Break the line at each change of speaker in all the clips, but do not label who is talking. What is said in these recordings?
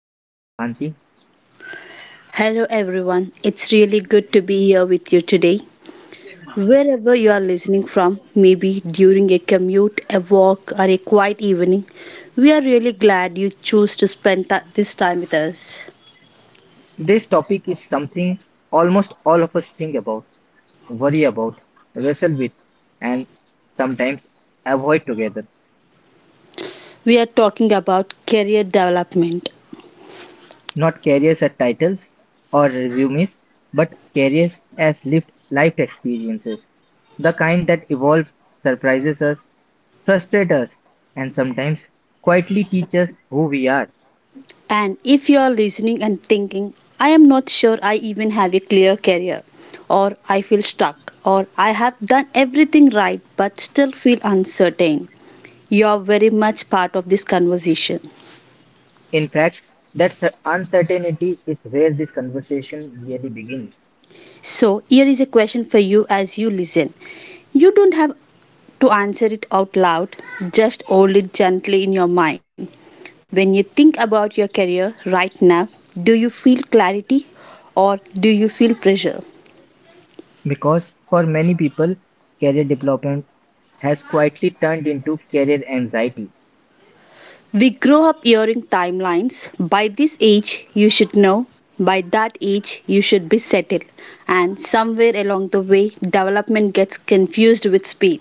Shweta Belakanti.
Hello, everyone. It's really good to be here with you today. Wherever you are listening from, maybe during a commute, a walk, or a quiet evening, we are really glad you choose to spend this time with us.
Today's topic is something almost all of us think about, worry about, wrestle with and sometimes avoid together.
We are talking about career development.
Not careers as titles or resumes, but careers as lived life experiences. The kind that evolves, surprises us, frustrates us, and sometimes quietly teaches who we are.
And if you are listening and thinking, I am not sure I even have a clear career, or I feel stuck, or I have done everything right but still feel uncertain, you are very much part of this conversation.
In fact, that uncertainty is where this conversation really begins.
So, here is a question for you as you listen. You don't have to answer it out loud, just hold it gently in your mind. When you think about your career right now, do you feel clarity or do you feel pressure?
Because for many people, career development has quietly turned into career anxiety.
We grow up hearing timelines. By this age, you should know. By that age, you should be settled. And somewhere along the way, development gets confused with speed.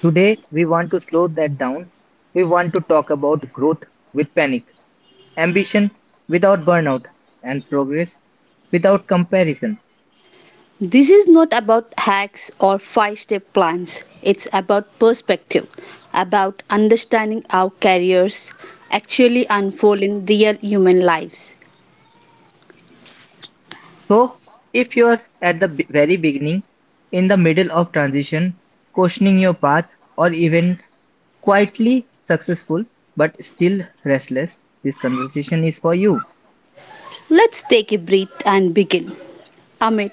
Today, we want to slow that down. We want to talk about growth with panic, ambition without burnout, and progress without comparison.
This is not about hacks or five step plans. It's about perspective, about understanding how careers actually unfold in real human lives.
So, if you're at the very beginning, in the middle of transition, questioning your path, or even quietly successful but still restless, this conversation is for you.
Let's take a breath and begin. Amit,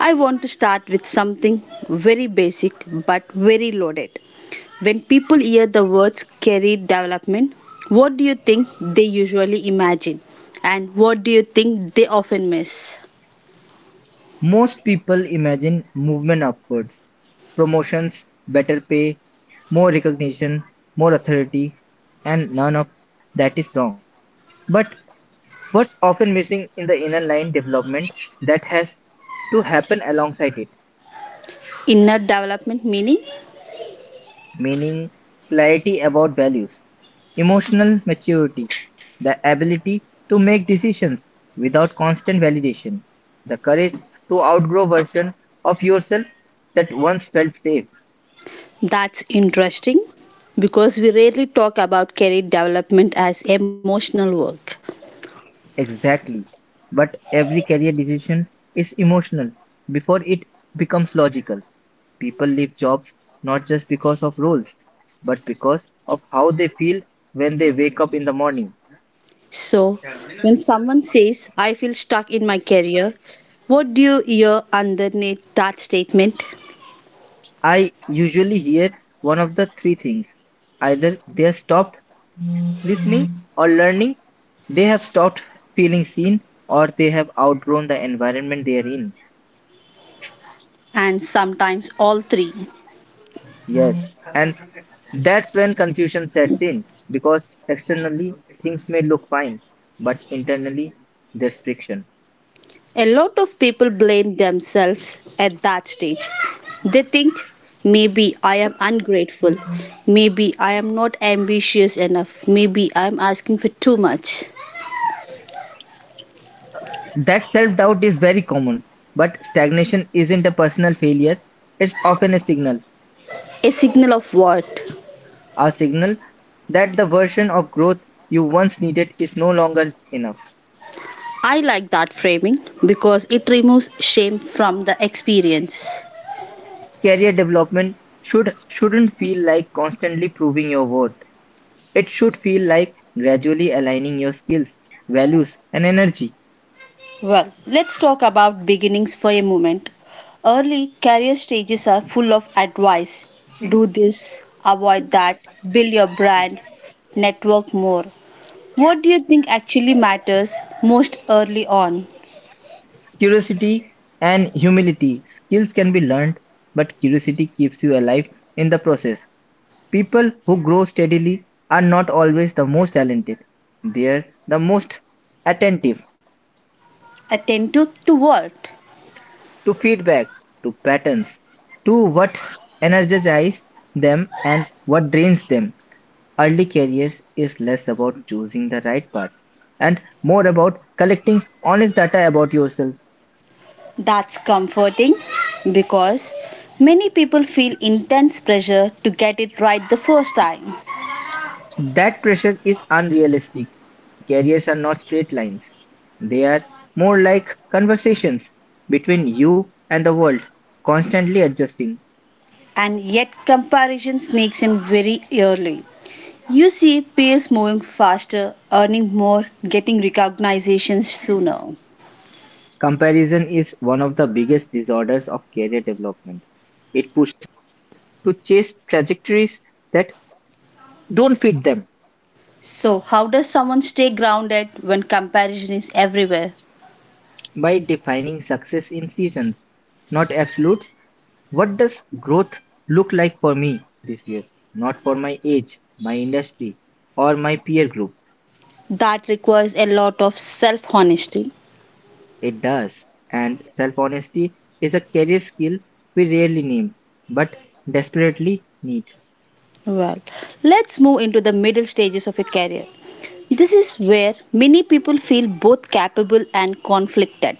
I want to start with something very basic but very loaded. When people hear the words career development, what do you think they usually imagine? And what do you think they often miss?
Most people imagine movement upwards, promotions, better pay, more recognition, more authority, and none of that is wrong. But what's often missing in the inner line development that has to happen alongside it,
Inner development meaning.
meaning clarity about values, emotional maturity, the ability to make decisions without constant validation, the courage to outgrow version of yourself that once felt safe.
That's interesting because we rarely talk about career development as emotional work.
Exactly. But every career decision is emotional before it becomes logical. People leave jobs not just because of roles, but because of how they feel when they wake up in the morning.
So, when someone says, I feel stuck in my career, what do you hear underneath that statement?
I usually hear one of the three things: either they have stopped listening or learning, they have stopped feeling seen, or they have outgrown the environment they are in.
And sometimes all three.
Yes, and that's when confusion sets in because externally things may look fine, but internally there's friction.
A lot of people blame themselves at that stage. They think, maybe I am ungrateful, maybe I am not ambitious enough, maybe I am asking for too much.
That self doubt is very common, but stagnation isn't a personal failure, it's often
A signal of what?
a signal that the version of growth you once needed is no longer enough.
I like that framing because it removes shame from the experience.
Career development shouldn't feel like constantly proving your worth. It should feel like gradually aligning your skills, values, and energy.
Well, let's talk about beginnings for a moment. Early career stages are full of advice, do this, avoid that, build your brand, network more. What do you think actually matters most early on?
Curiosity and humility. Skills can be learned, but curiosity keeps you alive in the process. People who grow steadily are not always the most talented. They're the most attentive
Attentive to what?
to feedback, to patterns, to what energizes them and what drains them. Early careers is less about choosing the right path and more about collecting honest data about yourself.
That's comforting because many people feel intense pressure to get it right the first time.
That pressure is unrealistic. Careers are not straight lines. They are more like conversations between you and the world, constantly adjusting.
And yet comparison sneaks in very early. You see peers moving faster, earning more, getting recognition sooner.
Comparison is one of the biggest disorders of career development. It pushes to chase trajectories that don't fit them
So, how does someone stay grounded when comparison is everywhere?
by defining success in seasons, not absolutes. What does growth look like for me this year? Not for my age, my industry, or my peer group.
That requires a lot of self honesty.
It does. And self-honesty is a career skill we rarely name, but desperately need.
Well, let's move into the middle stages of a career. This is where many people feel both capable and conflicted.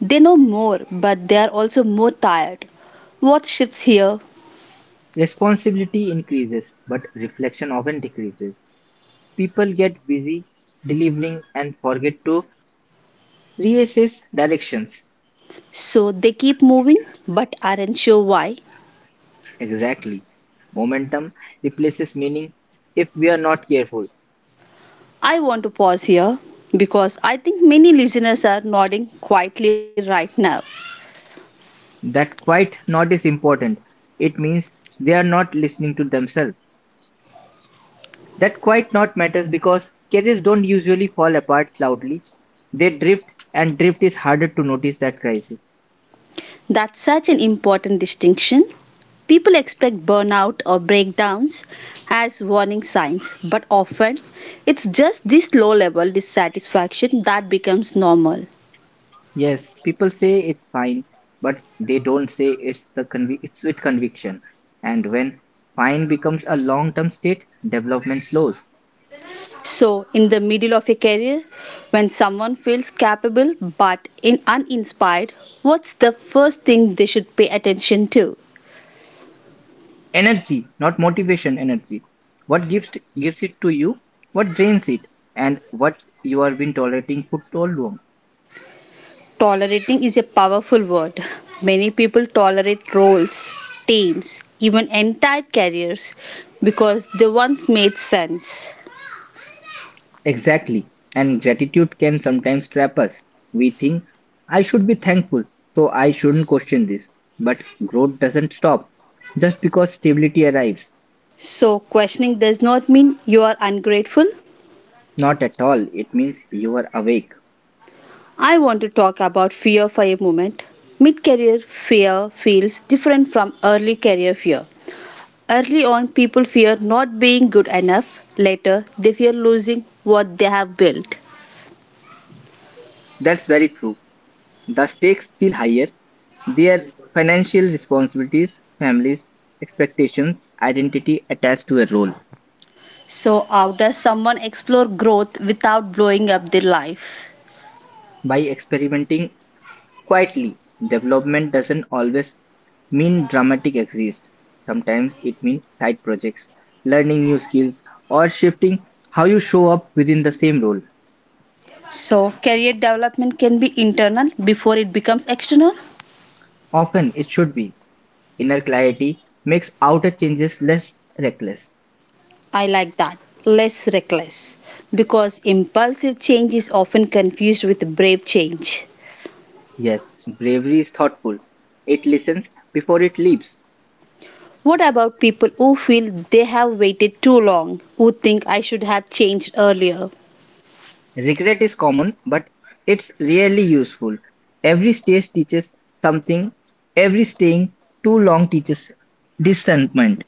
They know more, but they are also more tired. What shifts here?
Responsibility increases, but reflection often decreases. People get busy delivering and forget to reassess directions.
So they keep moving but aren't sure why.
Exactly. Momentum replaces meaning if we are not careful.
I want to pause here because I think many listeners are nodding quietly right now.
That quite not is important. It means they are not listening to themselves. That quite not matters because carriers don't usually fall apart loudly. They drift and drift is harder to notice that crisis.
That's such an important distinction. People expect burnout or breakdowns as warning signs, but often it's just this low level dissatisfaction that becomes normal.
Yes, people say it's fine, but they don't say it's the it's with conviction. And when fine becomes a long-term state, development slows.
So, in the middle of a career, when someone feels capable but in uninspired, what's the first thing they should pay attention to?
Energy, not motivation, energy. What gives it to you? What drains it? And what you have been tolerating for too long?
Tolerating is a powerful word. Many people tolerate roles, teams, even entire careers because they once made sense.
Exactly. And gratitude can sometimes trap us. We think, I should be thankful, so I shouldn't question this. But growth doesn't stop just because stability arrives.
So, questioning does not mean you are ungrateful.
Not at all. It means you are awake.
I want to talk about fear for a moment. Mid career fear feels different from early career fear. Early on, people fear not being good enough. Later, they fear losing what they have built.
That's very true. The stakes feel higher. Their financial responsibilities, families, expectations, identity attached to a role.
So, how does someone explore growth without blowing up their life?
By experimenting quietly, development doesn't always mean dramatic exist. Sometimes it means side projects, learning new skills, or shifting how you show up within the same role.
So, career development can be internal before it becomes external.
Often it should be. Inner clarity makes outer changes less reckless.
I like that. Less reckless. Because impulsive change is often confused with brave change.
Yes, bravery is thoughtful. It listens before it leaps.
What about people who feel they have waited too long, who think I should have changed earlier?
Regret is common, but it's rarely useful. Every stage teaches something, every staying too long teaches discernment.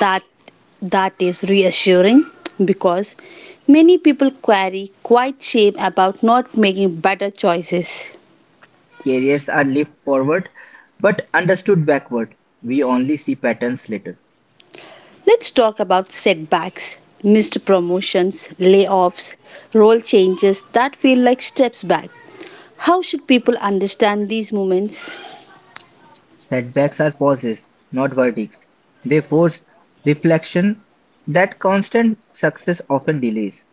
That that is reassuring because many people carry quite shame about not making better choices.
Careers are leaped forward but understood backward. We only see patterns later.
Let's talk about setbacks, missed promotions, layoffs, role changes that feel like steps back. How should people understand these moments?
Setbacks are pauses, not verdicts. They force reflection that constant success often delays.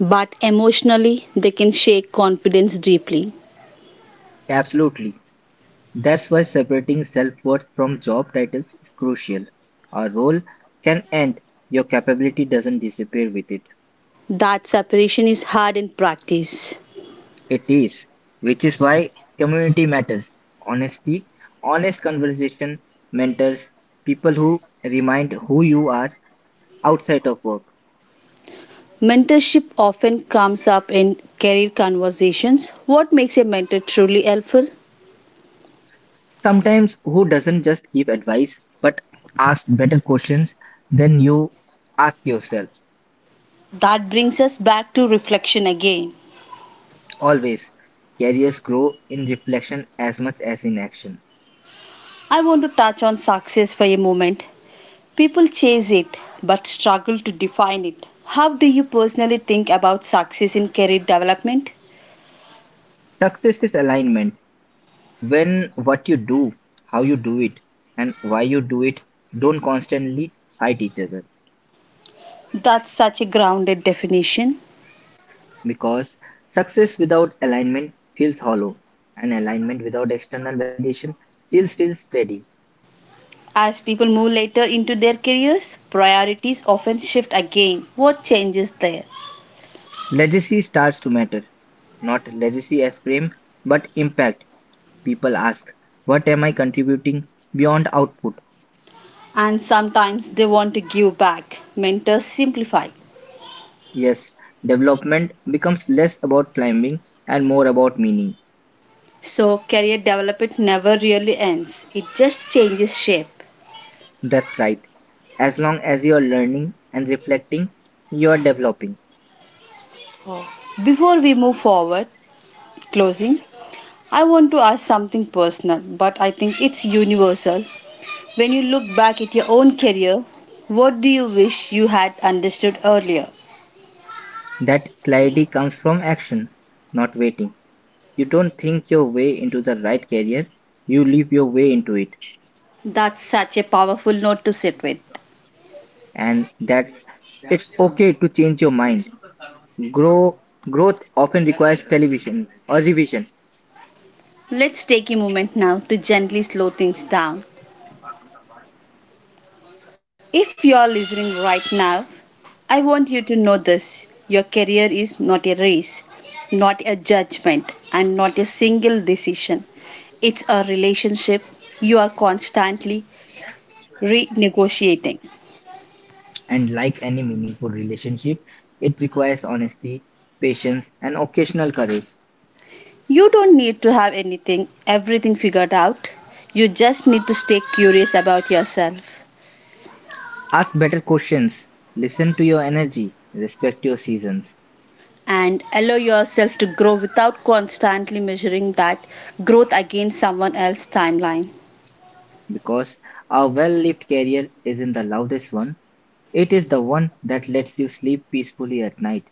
But emotionally, they can shake confidence deeply.
Absolutely. That's why separating self worth from job titles is crucial. Our role can end, your capability doesn't disappear with it.
That separation is hard in practice.
It is, which is why community matters. Honesty, honest conversation, mentors, people who remind who you are outside of work.
Mentorship often comes up in career conversations. What makes a mentor truly helpful?
Sometimes who doesn't just give advice but ask better questions than you ask yourself.
That brings us back to reflection again.
Always, careers grow in reflection as much as in action.
I want to touch on success for a moment. People chase it but struggle to define it. How do you personally think about success in career development?
Success is alignment. When what you do, how you do it, and why you do it don't constantly fight each other.
That's such a grounded definition.
Because success without alignment feels hollow, and alignment without external validation still feels steady.
As people move later into their careers, priorities often shift again. What changes there?
Legacy starts to matter, not legacy as frame, but impact. People ask, what am I contributing beyond output?
And sometimes they want to give back. Mentors simplify.
Yes, development becomes less about climbing and more about meaning.
So, career development never really ends, it just changes shape.
That's right. As long as you're learning and reflecting, you're developing.
Before we move forward, closing, I want to ask something personal, but I think it's universal. When you look back at your own career, what do you wish you had understood earlier?
That clarity comes from action, not waiting. You don't think your way into the right career, you live your way into it,
That's such a powerful note to sit with.
and that it's okay to change your mind. Grow growth often requires television or revision,
Let's take a moment now to gently slow things down. If you are listening right now, I want you to know this, your career is not a race, not a judgment, and not a single decision. It's a relationship you are constantly renegotiating.
and like any meaningful relationship, it requires honesty, patience, and occasional courage.
You don't need to have anything, everything figured out. You just need to stay curious about yourself
Ask better questions, listen to your energy, respect your seasons,
and allow yourself to grow without constantly measuring that growth against someone else's timeline.
because a well-lived career isn't the loudest one. It is the one that lets you sleep peacefully at night.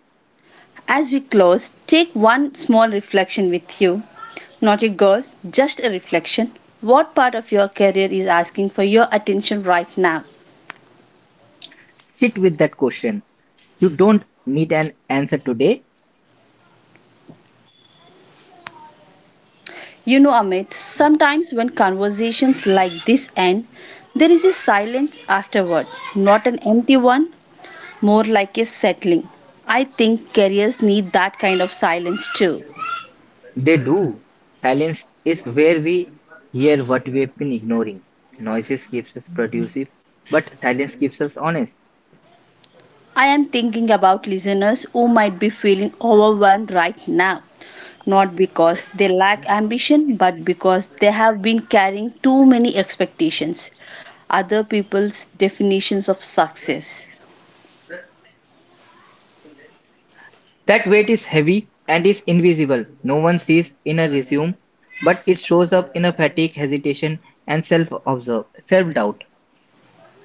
As we close, take one small reflection with you. Not a goal, just a reflection. What part of your career is asking for your attention right now?
Sit with that question. You don't need an answer today.
You know, Amit, sometimes when conversations like this end, there is a silence afterward, not an empty one, more like a settling. I think careers need that kind of silence too.
They do. Silence is where we hear what we've been ignoring. Noises keeps us productive, but silence keeps us honest.
I am thinking about listeners who might be feeling overwhelmed right now, not because they lack ambition, but because they have been carrying too many expectations, other people's definitions of success.
That weight is heavy and is invisible. No one sees in a resume, but it shows up in a fatigue, hesitation, and self-doubt.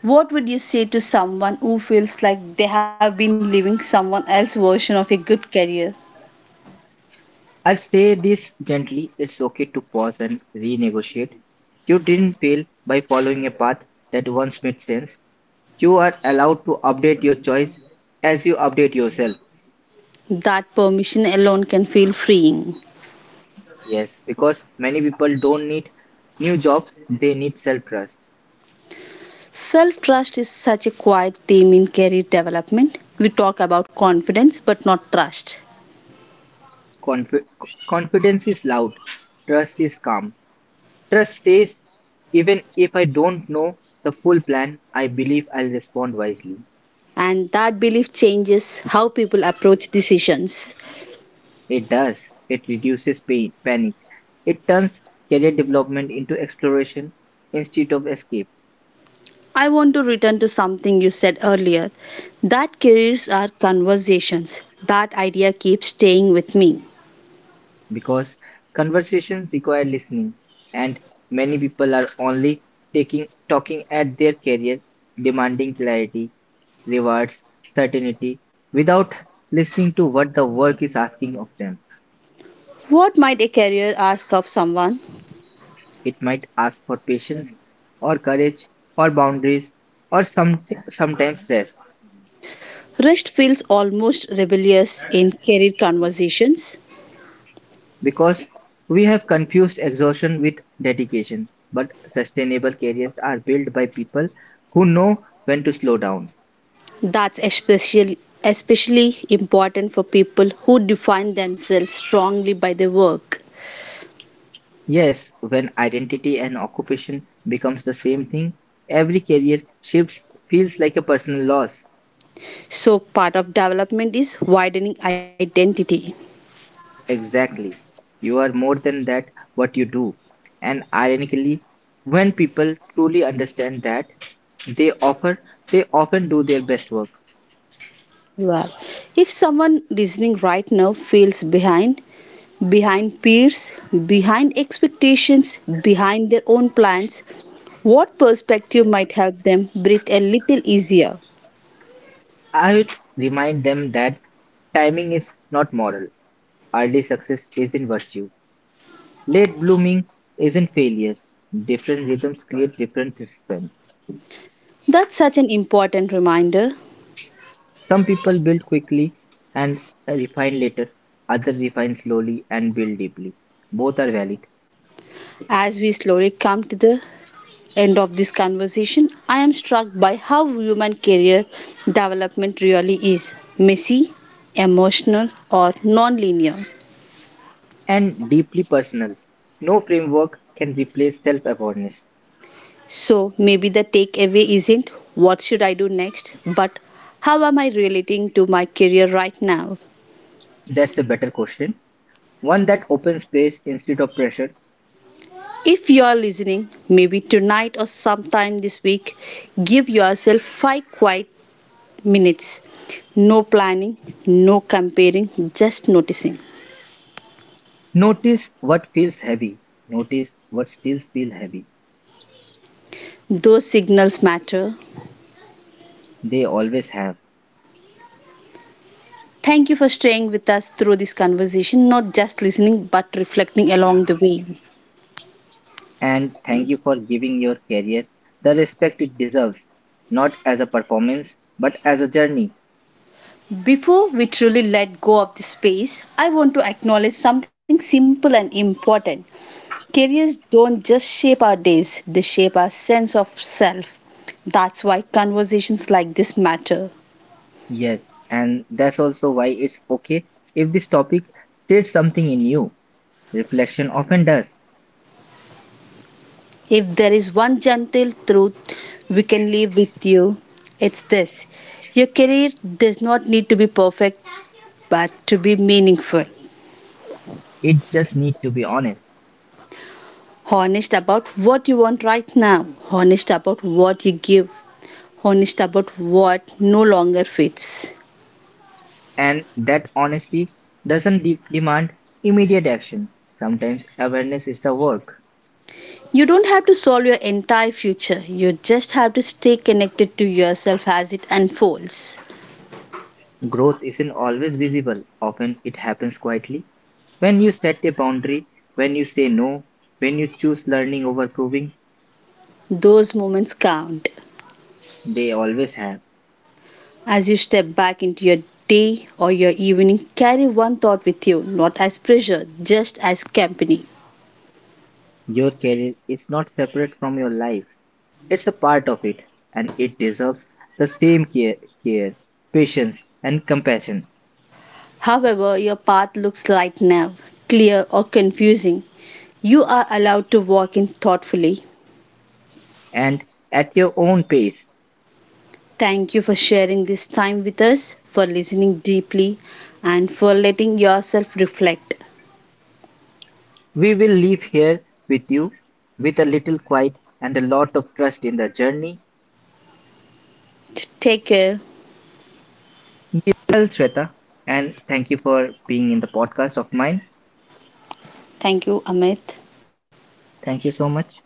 What would you say to someone who feels like they have been living someone else's version of a good career?
I'll say this gently. It's okay to pause and renegotiate. You didn't fail by following a path that once made sense. You are allowed to update your choice as you update yourself.
That permission alone can feel freeing.
Yes, because many people don't need new jobs, they need self trust.
Self trust is such a quiet theme in career development. We talk about confidence but not trust.
Confi- confidence is loud, trust is calm. Trust says, even if I don't know the full plan, I believe I'll respond wisely.
And that belief changes how people approach decisions.
It does, it reduces pain, panic. It turns career development into exploration instead of escape.
I want to return to something you said earlier that careers are conversations. That idea keeps staying with me.
Because conversations require listening and many people are only taking talking at their career, demanding clarity, rewards certainty without listening to what the work is asking of them.
What might a career ask of someone?
It might ask for patience or courage or boundaries or sometimes rest.
Rest feels almost rebellious in career conversations.
Because we have confused exhaustion with dedication, but sustainable careers are built by people who know when to slow down.
That's especially important for people who define themselves strongly by their work.
Yes, when identity and occupation becomes the same thing, every career shift feels like a personal loss.
So part of development is widening identity.
Exactly. You are more than that what you do. And ironically, when people truly understand that, they offer they often do their best work.
Well, if someone listening right now feels behind, behind peers, behind expectations, behind their own plans, what perspective might help them breathe a little easier?
I would remind them that timing is not moral. Early success isn't virtue. Late blooming isn't failure. Different rhythms create different strength.
That's such an important reminder.
Some people build quickly and refine later, others refine slowly and build deeply. Both are valid
As we slowly come to the end of this conversation, I am struck by how human career development really is, messy, emotional, or non linear.
and deeply personal. No framework can replace self awareness.
So maybe the takeaway isn't what should I do next, but how am I relating to my career right now?
That's the better question. One that opens space instead of pressure.
If you are listening, maybe tonight or sometime this week, give yourself five quiet minutes. No planning, no comparing, just noticing.
Notice what feels heavy. Notice what still feels heavy.
Those signals matter.
They always have.
Thank you for staying with us through this conversation, not just listening but reflecting along the way.
And thank you for giving your career the respect it deserves, not as a performance, but as a journey.
Before we truly let go of the space, I want to acknowledge something simple and important. Careers don't just shape our days, they shape our sense of self. That's why conversations like this matter.
Yes, and that's also why it's okay if this topic stirs something in you. Reflection often does.
If there is one gentle truth we can leave with you, it's this, your career does not need to be perfect, but to be meaningful.
It just needs to be honest.
Honest about what you want right now, honest about what you give, honest about what no longer fits.
And that honesty doesn't demand immediate action. Sometimes awareness is the work.
You don't have to solve your entire future, you just have to stay connected to yourself as it unfolds.
Growth isn't always visible. Often it happens quietly. When you set a boundary, when you say no, when you choose learning over proving,
Those moments count.
they always have.
As you step back into your day or your evening, carry one thought with you, not as pressure, just as company.
Your career is not separate from your life. It's a part of it, and it deserves the same care, patience, and compassion.
However, your path looks right now, clear or confusing, you are allowed to walk in thoughtfully.
And at your own pace,
Thank you for sharing this time with us, for listening deeply, and for letting yourself reflect.
we will leave here with you with a little quiet and a lot of trust in the journey.
Take care.
Well, Shweta, and thank you for being in the podcast of mine.
Thank you, Amit.
Thank you so much.